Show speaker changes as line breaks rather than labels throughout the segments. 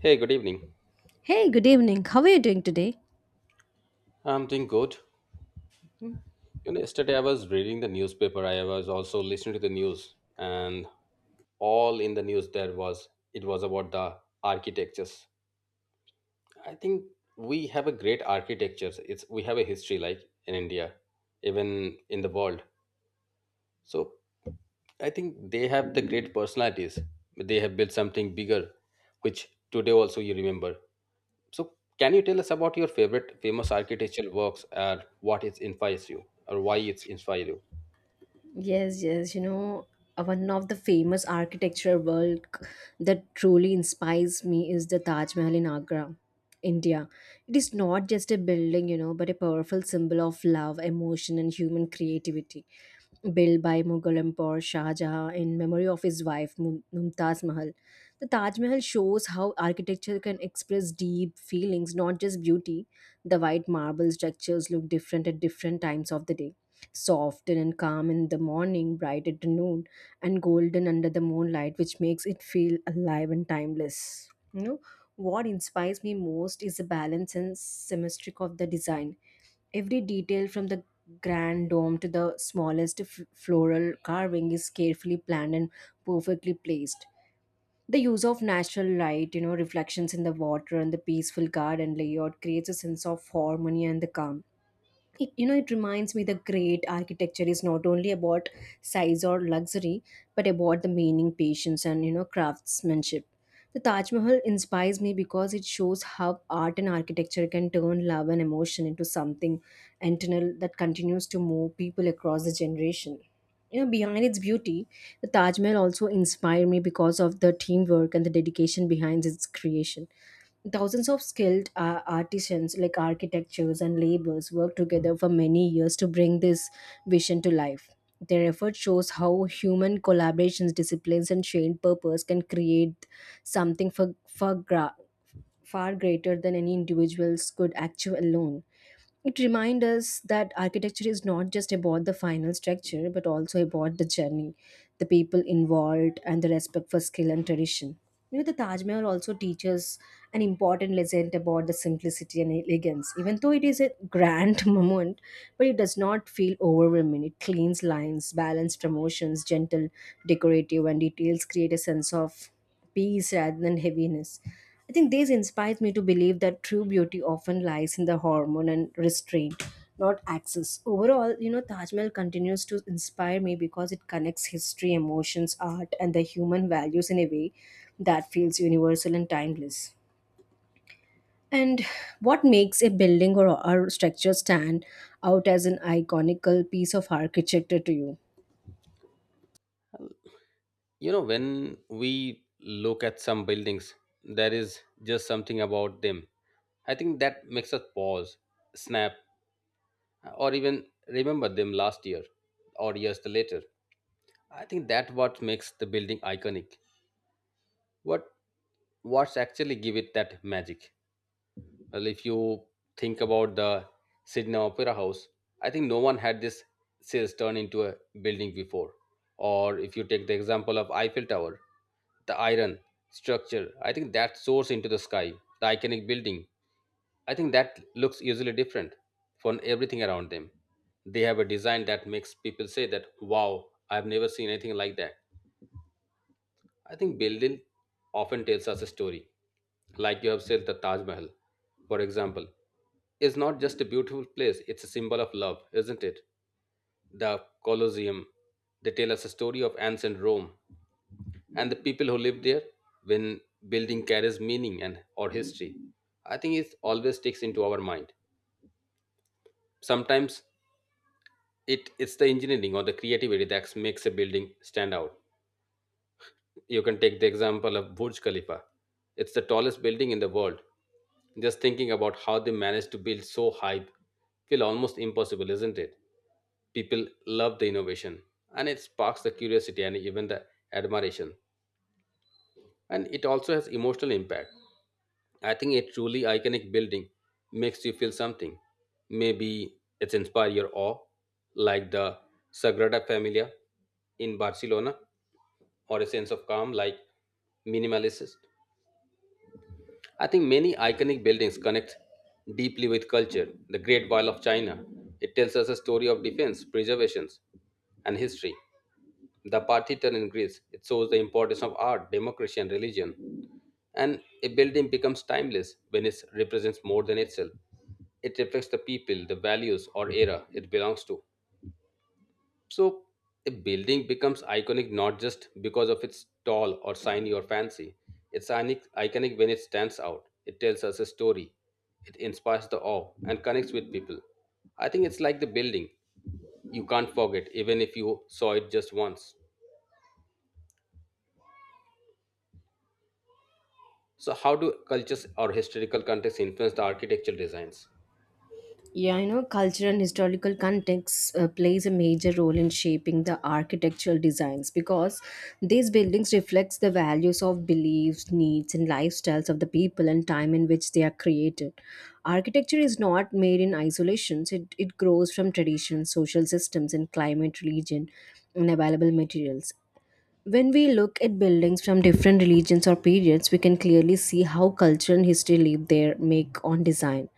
Hey, good evening.
Hey, good evening. How are you doing today?
I'm doing good. You know, yesterday I was reading the newspaper. I was also listening to the news, and all in the news there was it was about the architectures. I think we have a great architectures. It's we have a history like in India, even in the world. So I think they have the great personalities. They have built something bigger, which today also you remember. So can you tell us about your favorite famous architectural works, or what it inspires you, or why it's inspire you?
Yes, yes, you know, one of the famous architecture work that truly inspires me is the Taj Mahal in Agra, India. It is not just a building, you know, but a powerful symbol of love, emotion, and human creativity. Built by Mughal Emperor Shah Jahan in memory of his wife Mumtaz Mahal, the Taj Mahal shows how architecture can express deep feelings, not just beauty. The white marble structures look different at different times of the day, softer and calm in the morning, bright at the noon, and golden under the moonlight, which makes it feel alive and timeless. You know, what inspires me most is the balance and symmetry of the design. Every detail, from the grand dome to the smallest floral carving, is carefully planned and perfectly placed. The use of natural light, you know, reflections in the water and the peaceful garden layout creates a sense of harmony and the calm. It it reminds me the great architecture is not only about size or luxury, but about the meaning, patience, and craftsmanship. The Taj Mahal inspires me because it shows how art and architecture can turn love and emotion into something internal that continues to move people across the generation. You know, behind its beauty, the Taj Mahal also inspired me because of the teamwork and the dedication behind its creation. Thousands of skilled artisans, like architects and laborers, worked together for many years to bring this vision to life. Their effort shows how human collaborations, disciplines, and shared purpose can create something far greater than any individuals could achieve alone. It reminds us that architecture is not just about the final structure, but also about the journey, the people involved, and the respect for skill and tradition. You know, the Taj Mahal also teaches an important lesson about the simplicity and elegance. Even though it is a grand moment, but it does not feel overwhelming. It cleans lines, balanced promotions, gentle decorative and details create a sense of peace rather than heaviness. I think this inspires me to believe that true beauty often lies in the hormone and restraint, not access. Overall, you know, Taj Mahal continues to inspire me because it connects history, emotions, art, and the human values in a way that feels universal and timeless. And what makes a building or structure stand out as an iconical piece of architecture to you?
You know, when we look at some buildings, there is just something about them, I think, that makes us pause, snap, or even remember them last year or years later. I think that what makes the building iconic. What what's actually give it that magic? Well, if you think about the Sydney Opera House, I think no one had this series turned into a building before. Or if you take the example of Eiffel Tower, the iron structure, I think that soars into the sky, the iconic building. I think that looks usually different from everything around them. They have a design that makes people say that, wow, I've never seen anything like that. I think building often tells us a story. Like you have said, the Taj Mahal, for example, is not just a beautiful place, it's a symbol of love, isn't it? The Colosseum, they tell us a story of ancient Rome and the people who lived there. When building carries meaning and or history, I think it always sticks into our mind. Sometimes it's the engineering or the creativity that makes a building stand out. You can take the example of Burj Khalifa. It's the tallest building in the world. Just thinking about how they managed to build so high feel almost impossible, isn't it? People love the innovation, and it sparks the curiosity and even the admiration, and it also has emotional impact. I think a truly iconic building makes you feel something. Maybe it's inspire your awe, like the Sagrada Familia in Barcelona, or a sense of calm, like minimalist. I think many iconic buildings connect deeply with culture. The Great Wall of China, it tells us a story of defense, preservation, and history. The Parthian in Greece, it shows the importance of art, democracy, and religion. And a building becomes timeless when it represents more than itself. It reflects the people, the values, or era it belongs to. So, a building becomes iconic not just because of its tall or shiny or fancy. It's iconic when it stands out. It tells us a story. It inspires the awe and connects with people. I think it's like the building you can't forget, even if you saw it just once. So, how do cultures or historical contexts influence the architectural designs?
Yeah, you know, cultural and historical context plays a major role in shaping the architectural designs because these buildings reflects the values of beliefs, needs, and lifestyles of the people and time in which they are created. Architecture is not made in isolation; it grows from traditions, social systems, and climate, religion, and available materials. When we look at buildings from different religions or periods, we can clearly see how culture and history leave their make on design.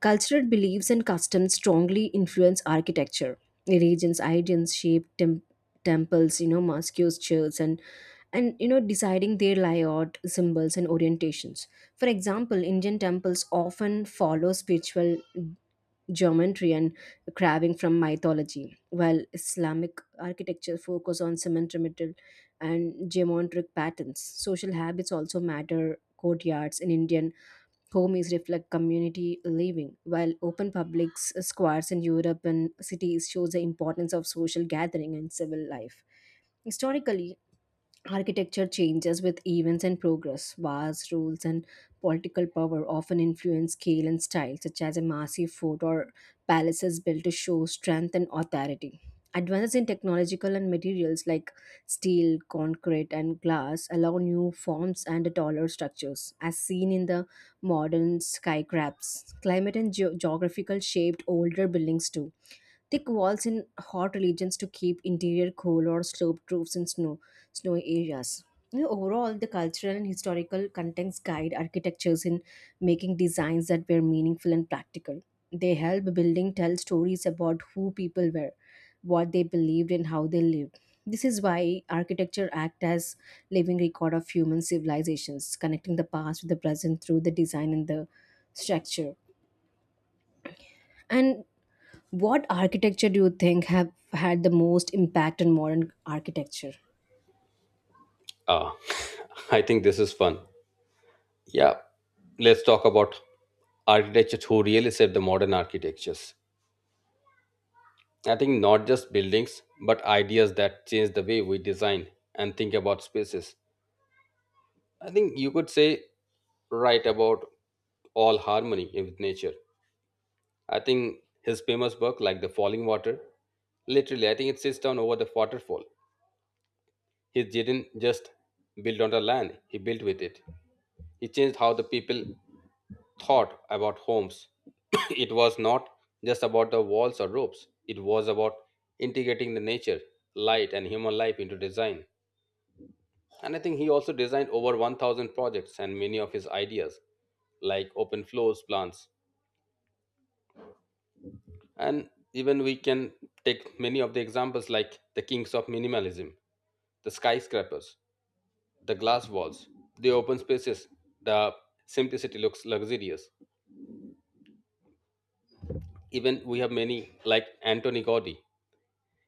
Cultural beliefs and customs strongly influence architecture. Religions, ideas shape temples, you know, mosques, churches, and you know, deciding their layout, symbols, and orientations. For example, Indian temples often follow spiritual geometry and carving from mythology, while Islamic architecture focus on symmetrical and geometric patterns. Social habits also matter. Courtyards in Indian homes reflect community living, while open public squares in Europe and cities shows the importance of social gathering and civil life. Historically, architecture changes with events and progress. Wars, rules and political power often influence scale and style, such as a massive fort or palaces built to show strength and authority. Advances in technological and materials like steel, concrete, and glass allow new forms and taller structures, as seen in the modern skyscrapers. Climate and geographical shaped older buildings too. Thick walls in hot regions to keep interior cool, or sloped roofs in snowy areas. You know, overall, the cultural and historical context guide architectures in making designs that were meaningful and practical. They help building tell stories about who people were, what they believed, and how they lived. This is why architecture act as living record of human civilizations, connecting the past with the present through the design and the structure. And what architecture do you think have had the most impact on modern architecture?
Ah, I think this is fun. Yeah, let's talk about architects who really set the modern architectures. I think not just buildings, but ideas that change the way we design and think about spaces. I think you could say right about all harmony with nature. I think his famous book, like The Falling Water, literally, I think it sits down over the waterfall. He didn't just build on the land, he built with it. He changed how the people thought about homes. It was not just about the walls or ropes, it was about integrating the nature, light, and human life into design. And I think he also designed over 1000 projects and many of his ideas, like open floors plans. And even we can take many of the examples, like the kings of minimalism, the skyscrapers, the glass walls, the open spaces, the simplicity looks luxurious. Even we have many like Antoni Gaudi.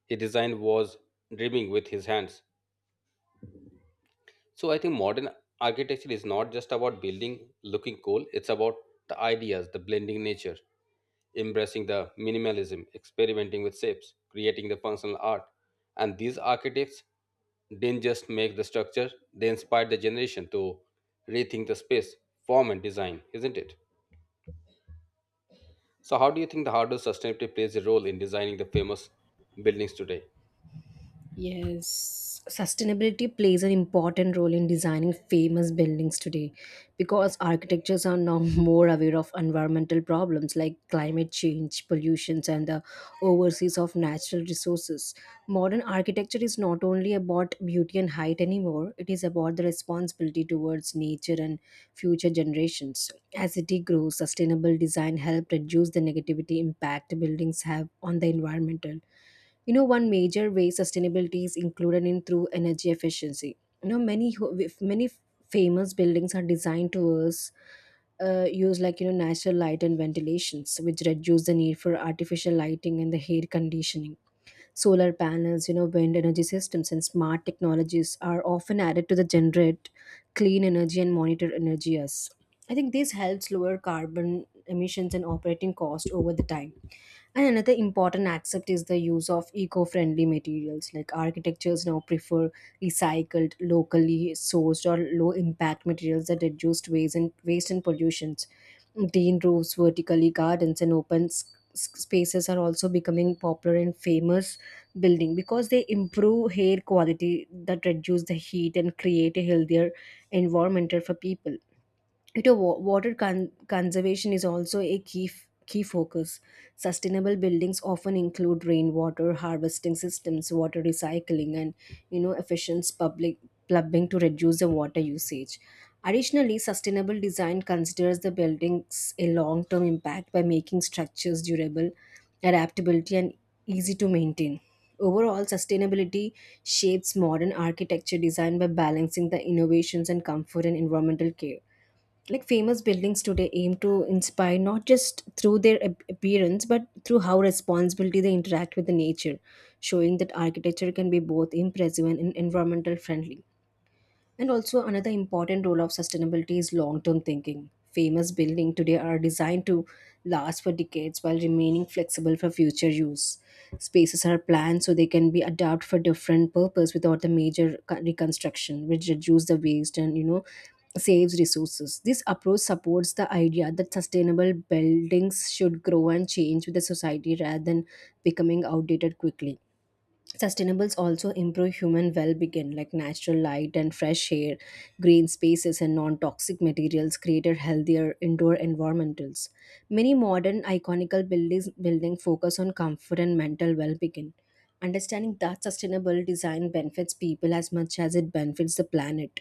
His design was dreaming with his hands. So I think modern architecture is not just about building looking cool, it's about the ideas, the blending nature, embracing the minimalism, experimenting with shapes, creating the functional art. And these architects didn't just make the structure, they inspired the generation to rethink the space, form and design, isn't it? So, how do you think the hardware sustainability plays a role in designing the famous buildings today?
Yes. Sustainability plays an important role in designing famous buildings today because architectures are now more aware of environmental problems like climate change, pollutions, and the overseas of natural resources. Modern architecture is not only about beauty and height anymore, it is about the responsibility towards nature and future generations. As city grows, sustainable design helps reduce the negativity impact buildings have on the environmental. You know, one major way sustainability is included in through energy efficiency. You know, many many famous buildings are designed to us use, like, you know, natural light and ventilations, which reduce the need for artificial lighting and the air conditioning. Solar panels, you know, wind energy systems, and smart technologies are often added to the generate clean energy and monitor energy as I think this helps lower carbon emissions and operating cost over the time. And another important aspect is the use of eco-friendly materials, like architectures now prefer recycled, locally sourced or low impact materials that reduce waste and waste and pollutions. Green roofs, vertically gardens and open spaces are also becoming popular in famous building because they improve air quality that reduce the heat and create a healthier environment for people. You know, water conservation is also a key focus. Sustainable buildings often include rainwater harvesting systems, water recycling, and you know, efficient public plumbing to reduce the water usage. Additionally, sustainable design considers the building's a long-term impact by making structures durable, adaptability, and easy to maintain. Overall, sustainability shapes modern architecture design by balancing the innovations and comfort and environmental care, like famous buildings today aim to inspire not just through their appearance but through how responsibly they interact with the nature, showing that architecture can be both impressive and environmental friendly. And also, another important role of sustainability is long term thinking. Famous buildings today are designed to last for decades while remaining flexible for future use. Spaces are planned so they can be adapted for different purpose without the major reconstruction, which reduce the waste and, you know, saves resources. This approach supports the idea that sustainable buildings should grow and change with the society rather than becoming outdated quickly. Sustainables also improve human well-being, like natural light and fresh air, green spaces, and non-toxic materials create a healthier indoor environmentals. Many modern iconical buildings building focus on comfort and mental well-being. Understanding that sustainable design benefits people as much as it benefits the planet.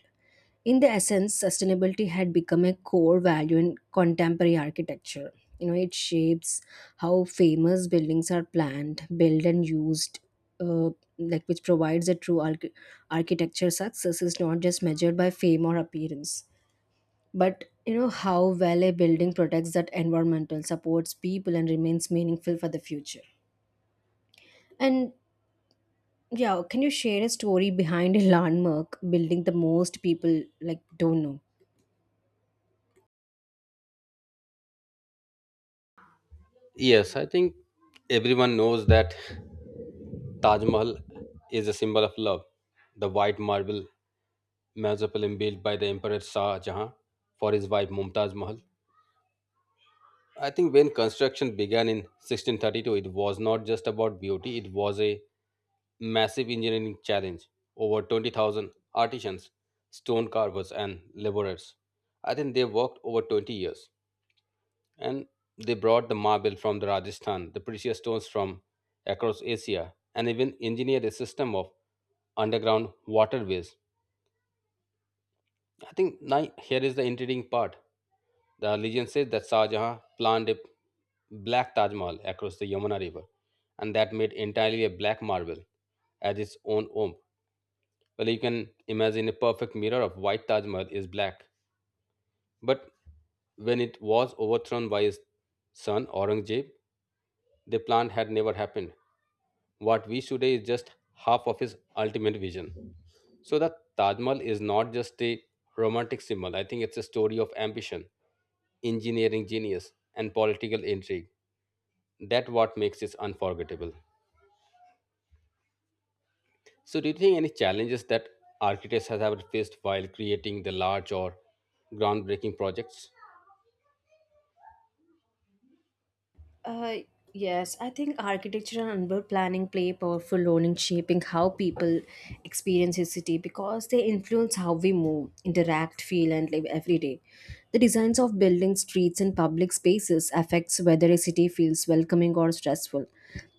In the essence, sustainability had become a core value in contemporary architecture. You know, it shapes how famous buildings are planned, built, and used. uh, like, which provides a true architecture success is not just measured by fame or appearance, but you know how well a building protects that environmental supports people and remains meaningful for the future. And yeah, can you share a story behind a landmark building the most people, like, don't know?
Yes, I think everyone knows that Taj Mahal is a symbol of love. The white marble mausoleum built by the Emperor Shah Jahan for his wife Mumtaz Mahal. I think when construction began in 1632, it was not just about beauty, it was a massive engineering challenge. Over 20,000 artisans, stone carvers, and laborers. I think they worked over 20 years, and they brought the marble from the Rajasthan, the precious stones from across Asia, and even engineered a system of underground waterways. I think now here is the intriguing part. The legend says that Shah Jahan planned a black Taj Mahal across the Yamuna River, and that made entirely a black marble as its own home. Well, you can imagine a perfect mirror of white Taj Mahal is black, but when it was overthrown by his son Aurangzeb, they planned had never happened. What we see today is just half of his ultimate vision. So the Taj Mahal is not just a romantic symbol. I think it's a story of ambition, engineering genius, and political intrigue. That what makes it unforgettable. So do you think any challenges that architects have ever faced while creating the large or groundbreaking projects?
Uh, yes, I think architecture and urban planning play a powerful role in shaping how people experience a city because they influence how we move, interact, feel, and live every day. The designs of buildings, streets, and public spaces affects whether a city feels welcoming or stressful,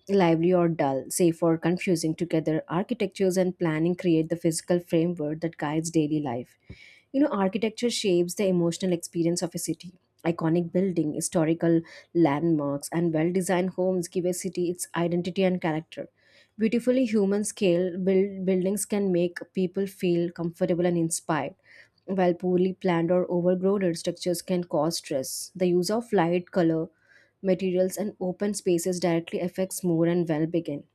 lively or dull, safe or confusing. Together, architectures and planning create the physical framework that guides daily life. You know, architecture shapes the emotional experience of a city. Iconic building, historical landmarks, and well designed homes give a city its identity and character. Beautifully human scale build, buildings can make people feel comfortable and inspired, while poorly planned or overgrown structures can cause stress. The use of light, color, materials, and open spaces directly affects mood and well being.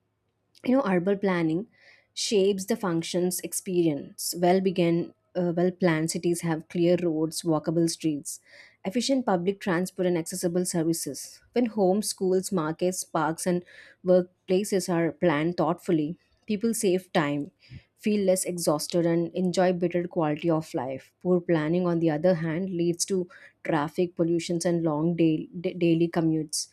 You know, urban planning shapes the functions experience well began. Well planned cities have clear roads, walkable streets, efficient public transport, and accessible services. When homes, schools, markets, parks, and workplaces are planned thoughtfully, people save time, feel less exhausted, and enjoy better quality of life. Poor planning, on the other hand, leads to traffic pollutions and long day, daily commutes.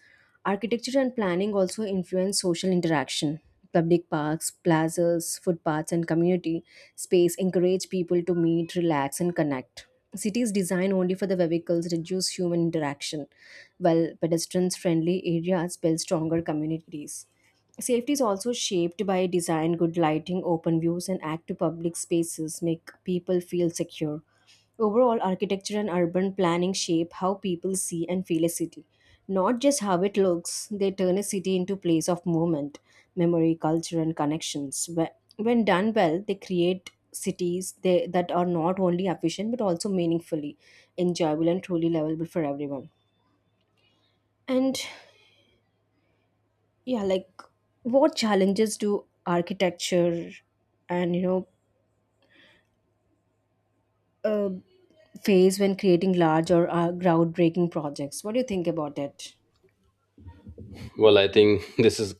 Architecture and planning also influence social interaction. Public parks, plazas, footpaths, and community space encourage people to meet, relax, and connect. Cities designed only for the vehicles reduce human interaction, while pedestrians friendly areas build stronger communities. Safety is also shaped by design, good lighting, open views, and active public spaces make people feel secure. Overall, architecture and urban planning shape how people see and feel a city. Not just how it looks, they turn a city into place of movement, memory, culture, and connections. When done well, they create cities that are not only efficient but also meaningfully enjoyable and truly livable for everyone. And yeah, like what challenges do architecture and you know uh, face when creating large or groundbreaking projects? What do you think about it?
Well, I think this is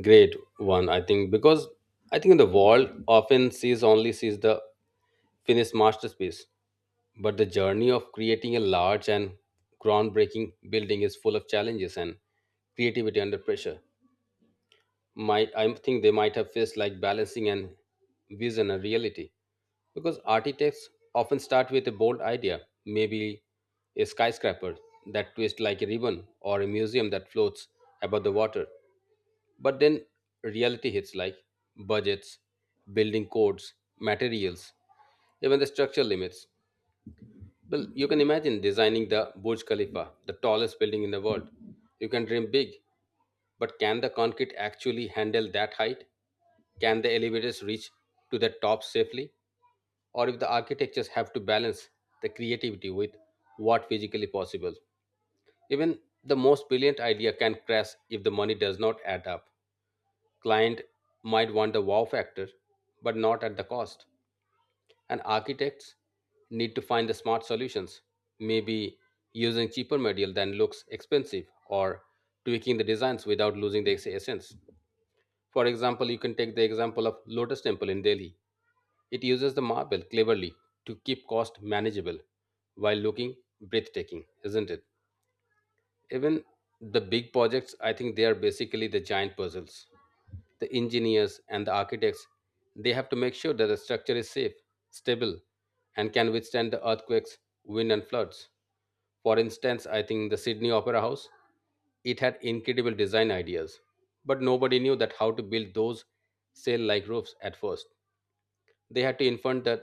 great one. I think because I think the world often sees only sees the finished masterpiece, but the journey of creating a large and groundbreaking building is full of challenges and creativity under pressure. Might I think they might have faced like balancing and vision and reality because architects often start with a bold idea, maybe a skyscraper that twists like a ribbon or a museum that floats above the water. But then reality hits like budgets, building codes, materials, even the structure limits. Well, you can imagine designing the Burj Khalifa, the tallest building in the world. You can dream big, but can the concrete actually handle that height? Can the elevators reach to the top safely? Or if the architectures have to balance the creativity with what physically possible? Even the most brilliant idea can crash if the money does not add up. Client might want the wow factor, but not at the cost. And architects need to find the smart solutions, maybe using cheaper material than looks expensive or tweaking the designs without losing the essence. For example, you can take the example of Lotus Temple in Delhi. It uses the marble cleverly to keep cost manageable while looking breathtaking, isn't it? Even the big projects, I think they are basically the giant puzzles. The engineers and the architects, they have to make sure that the structure is safe, stable, and can withstand the earthquakes, wind, and floods. For instance, I think the Sydney Opera House, it had incredible design ideas, but nobody knew that how to build those sail-like roofs at first. They had to invent that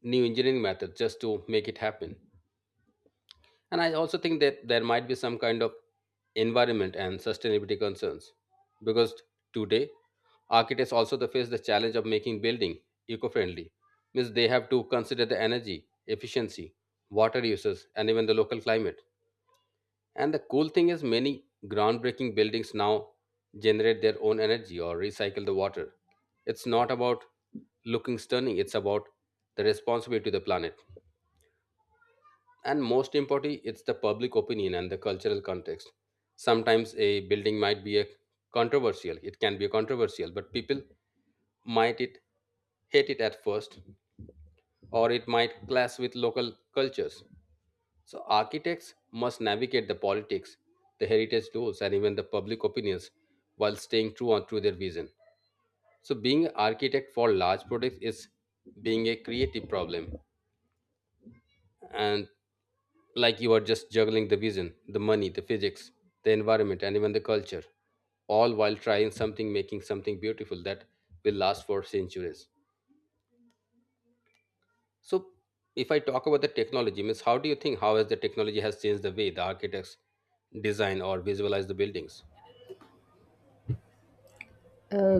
new engineering method just to make it happen. And I also think that there might be some kind of environment and sustainability concerns because today architects also they face the challenge of making building eco-friendly means they have to consider the energy efficiency, water uses, and even the local climate. And the cool thing is many groundbreaking buildings now generate their own energy or recycle the water. It's not about looking stunning, it's about the responsibility to the planet. And most importantly, it's the public opinion and the cultural context. Sometimes a building might be a controversial. It can be controversial, but people might it hate it at first, or it might clash with local cultures. So architects must navigate the politics, the heritage laws, and even the public opinions while staying true on to their vision. So being an architect for large projects is being a creative problem, and like you are just juggling the vision, the money, the physics, the environment, and even the culture, all while trying something, making something beautiful that will last for centuries. So, if I talk about the technology, means how do you think how has the technology has changed the way the architects design or visualize the buildings?
Uh,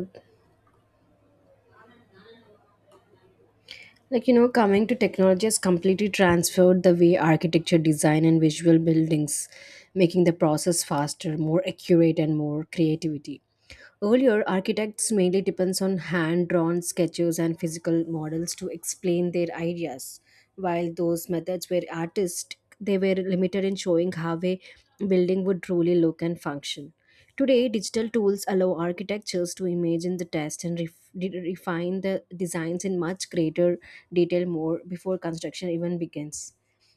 Coming to technology has completely transformed the way architecture design and visual buildings, making the process faster, more accurate, and more creativity. Earlier, architects mainly depends on hand-drawn sketches and physical models to explain their ideas. While those methods were artistic, they were limited in showing how a building would truly look and function. Today, digital tools allow architectures to imagine the test and refine the designs in much greater detail more before construction even begins.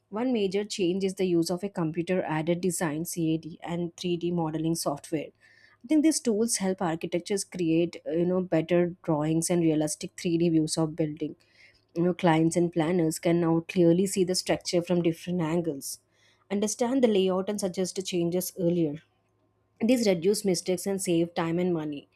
One major change is the use of a computer aided design CAD and 3D modeling software. I think these tools help architectures create, better drawings and realistic 3D views of building. You know, clients and planners can now clearly see the structure from different angles, understand the layout, and suggest changes earlier. These reduce mistakes and save time and money.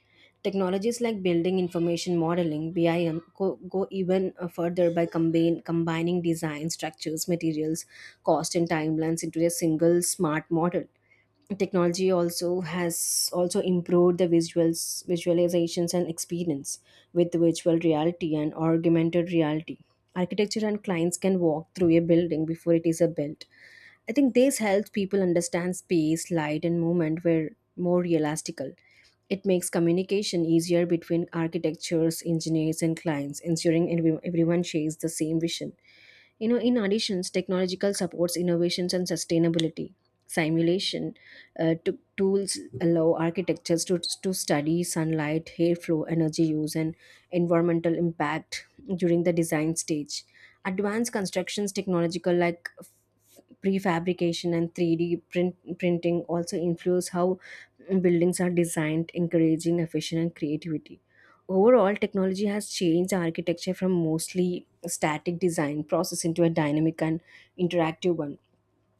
Technologies like building information modeling (BIM) go even further by combining design, structures, materials, cost, and timelines into a single smart model. Technology also has also improved the visuals, visualizations, and experience with virtual reality and augmented reality. Architecture and clients can walk through a building before it is a built. I think this helps people understand space, light, and movement were more realistical. It makes communication easier between architects, engineers, and clients, ensuring everyone shares the same vision. You know, in addition, technological supports innovations and sustainability. Simulation tools allow architects to study sunlight, airflow, energy use, and environmental impact during the design stage. Advanced constructions technological like prefabrication and printing also influence how buildings are designed, encouraging efficient and creativity. Overall, technology has changed architecture from mostly static design process into a dynamic and interactive one.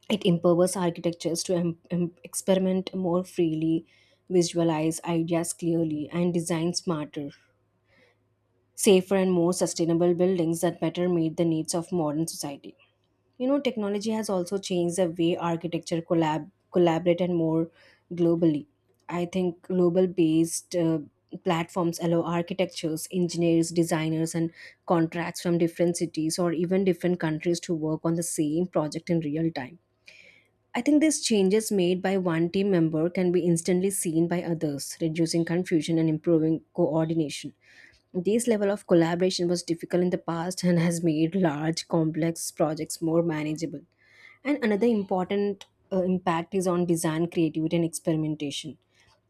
It empowers architectures to experiment more freely, visualize ideas clearly, and design smarter, safer, and more sustainable buildings that better meet the needs of modern society. You know, technology has also changed the way architecture collaborate and more globally. I think global-based platforms allow architectures, engineers, designers, and contracts from different cities or even different countries to work on the same project in real time. I think these changes made by one team member can be instantly seen by others, reducing confusion and improving coordination. This level of collaboration was difficult in the past and has made large, complex projects more manageable. And another important impact is on design creativity and experimentation.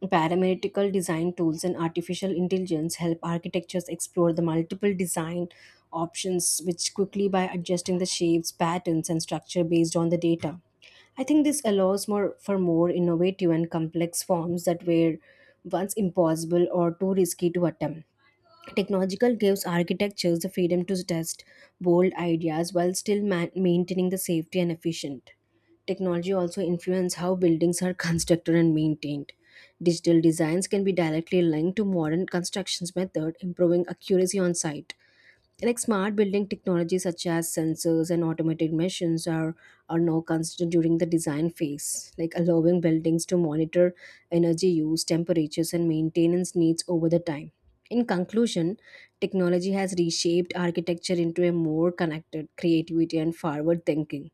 Parametrical design tools and artificial intelligence help architectures explore the multiple design options which quickly by adjusting the shapes, patterns, and structure based on the data. I think this allows more for more innovative and complex forms that were once impossible or too risky to attempt. Technological gives architectures the freedom to test bold ideas while still maintaining the safety and efficient. Technology also influences how buildings are constructed and maintained. Digital designs can be directly linked to modern constructions method, improving accuracy on site. Like smart building technologies such as sensors and automated machines are now considered during the design phase, like allowing buildings to monitor energy use, temperatures, and maintenance needs over the time. In conclusion, technology has reshaped architecture into a more connected creativity and forward thinking.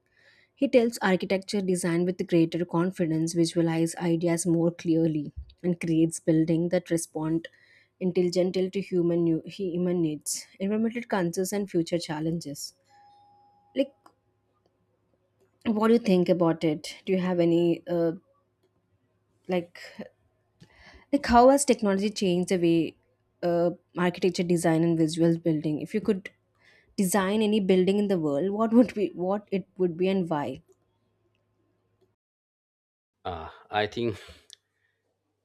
He tells architecture design with greater confidence, visualize ideas more clearly, and creates buildings that respond intelligently to human needs, environmental concerns, and future challenges. Like, what do you think about it? Do you have any like how has technology changed the way uh, architecture design and visual building? If you could design any building in the world, what it would be and why?
I think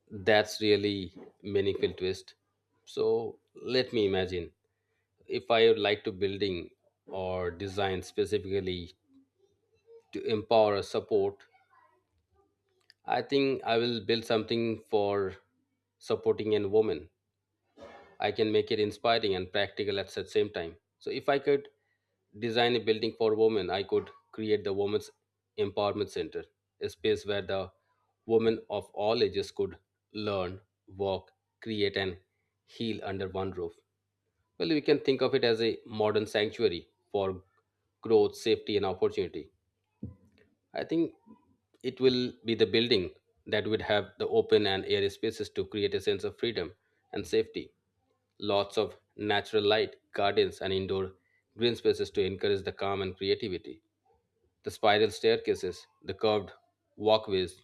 that's really meaningful twist. So let me imagine if I would like to building or design specifically to empower or support, I think I will build something for supporting a woman. I can make it inspiring and practical at the same time. So if I could design a building for women, I could create the Women's Empowerment Center, a space where the women of all ages could learn, work, create, and heal under one roof. Well, we can think of it as a modern sanctuary for growth, safety, and opportunity. I think it will be the building that would have the open and airy spaces to create a sense of freedom and safety. Lots of natural light, gardens, and indoor green spaces to encourage the calm and creativity. The spiral staircases, the curved walkways,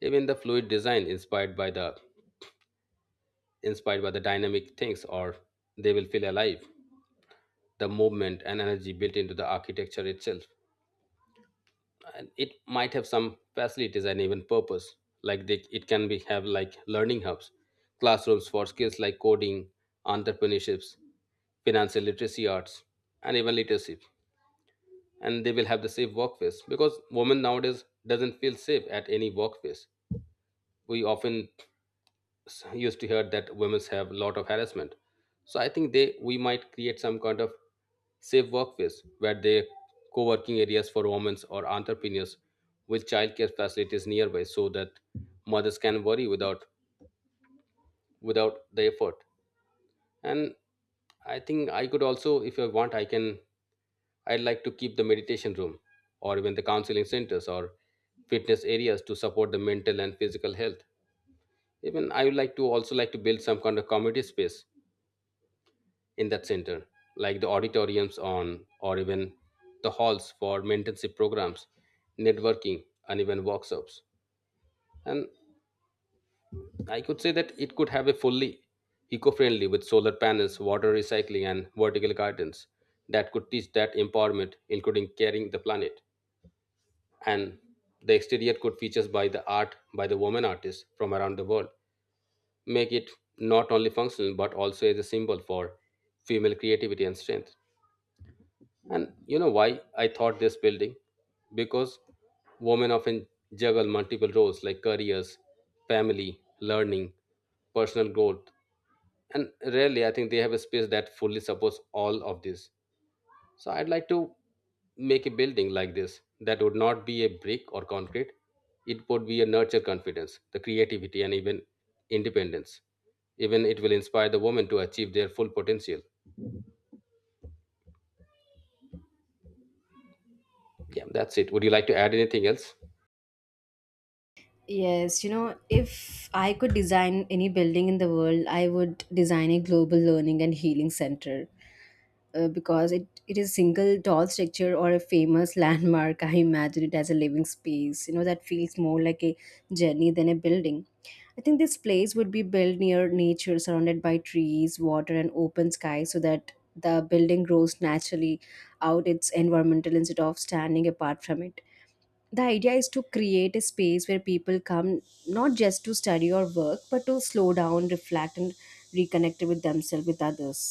even the fluid design inspired by the dynamic things, or they will feel alive, the movement and energy built into the architecture itself. And it might have some facilities and even purpose, like it can be have like learning hubs, classrooms for skills like coding, entrepreneurships, financial literacy, arts, and even leadership. And they will have the safe workplace because women nowadays doesn't feel safe at any workplace. We often used to hear that women have a lot of harassment. So I think they we might create some kind of safe workplace where they co-working areas for women or entrepreneurs with childcare facilities nearby so that mothers can worry without the effort. And I think I could also, if I want, I can I'd like to keep the meditation room or even the counseling centers or fitness areas to support the mental and physical health. Even I would like to also like to build some kind of community space in that center, like the auditoriums on or even the halls for mentorship programs, networking, and even workshops. And I could say that it could have a fully eco-friendly with solar panels, water recycling, and vertical gardens that could teach that empowerment, including caring the planet. And the exterior could features by the art by the women artists from around the world, make it not only functional but also as a symbol for female creativity and strength. And you know why I thought this building? Because women often juggle multiple roles like careers, family, learning, personal growth, and rarely I think they have a space that fully supports all of this. So I'd like to make a building like this that would not be a brick or concrete. It would be a nurture confidence, the creativity, and even independence. Even it will inspire the woman to achieve their full potential. Yeah, that's it. Would you like to add anything else?
Yes, you know, if I could design any building in the world, I would design a global learning and healing center, because it is single tall structure or a famous landmark. I imagine it as a living space, you know, that feels more like a journey than a building. I think this place would be built near nature, surrounded by trees, water, and open sky so that the building grows naturally out its environmental instead of standing apart from it. The idea is to create a space where people come not just to study or work but to slow down, reflect, and reconnect with themselves, with others.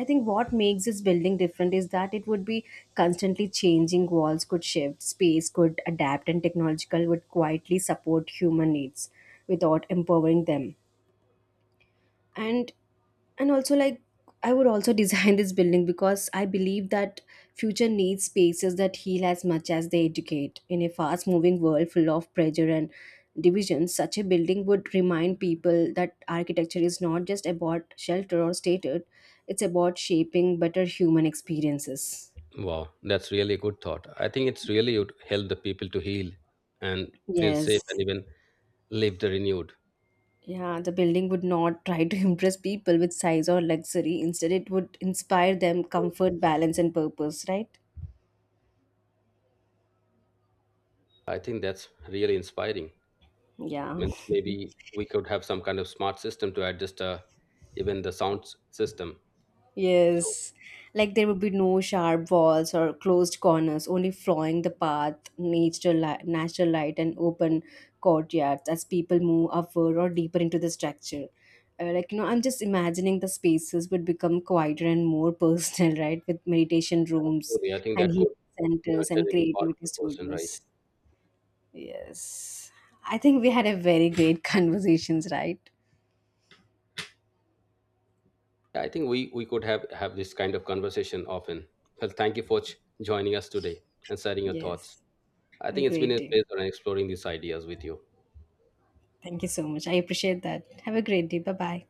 I think what makes this building different is that it would be constantly changing. Walls could shift, space could adapt, and technological would quietly support human needs without empowering them. And and also like I would also design this building because I believe that future needs spaces that heal as much as they educate. In a fast moving world full of pressure and division, such a building would remind people that architecture is not just about shelter or status. It's about shaping better human experiences.
Wow, that's really a good thought. I think it's really would help the people to heal and feel safe and
Yes.
even live the renewed.
Yeah, the building would not try to impress people with size or luxury. Instead, it would inspire them
So
comfort, balance, and purpose, right?
I think that's really inspiring.
Yeah.
Means maybe we could have some kind of smart system to adjust even the sound system. So
Yes, like there would be no sharp walls or closed corners, only flowing the path, natural light, and open courtyards as people move upward or deeper into the structure. I'm just imagining the spaces would become quieter and more personal, right? With meditation rooms
truly, I think
and
that
healing
could
centers
nurture
and
every part of
creativity
the person, right?
studios. Yes, I think we had a very great conversations, right?
Yeah, I think we could have this kind of conversation often. Well, thank you for joining us today and sharing your thoughts.
Yes,
I
have a
think it's been
great
a
day.
pleasure exploring these ideas with you.
Thank you so much. I appreciate that. Have a great day. Bye bye.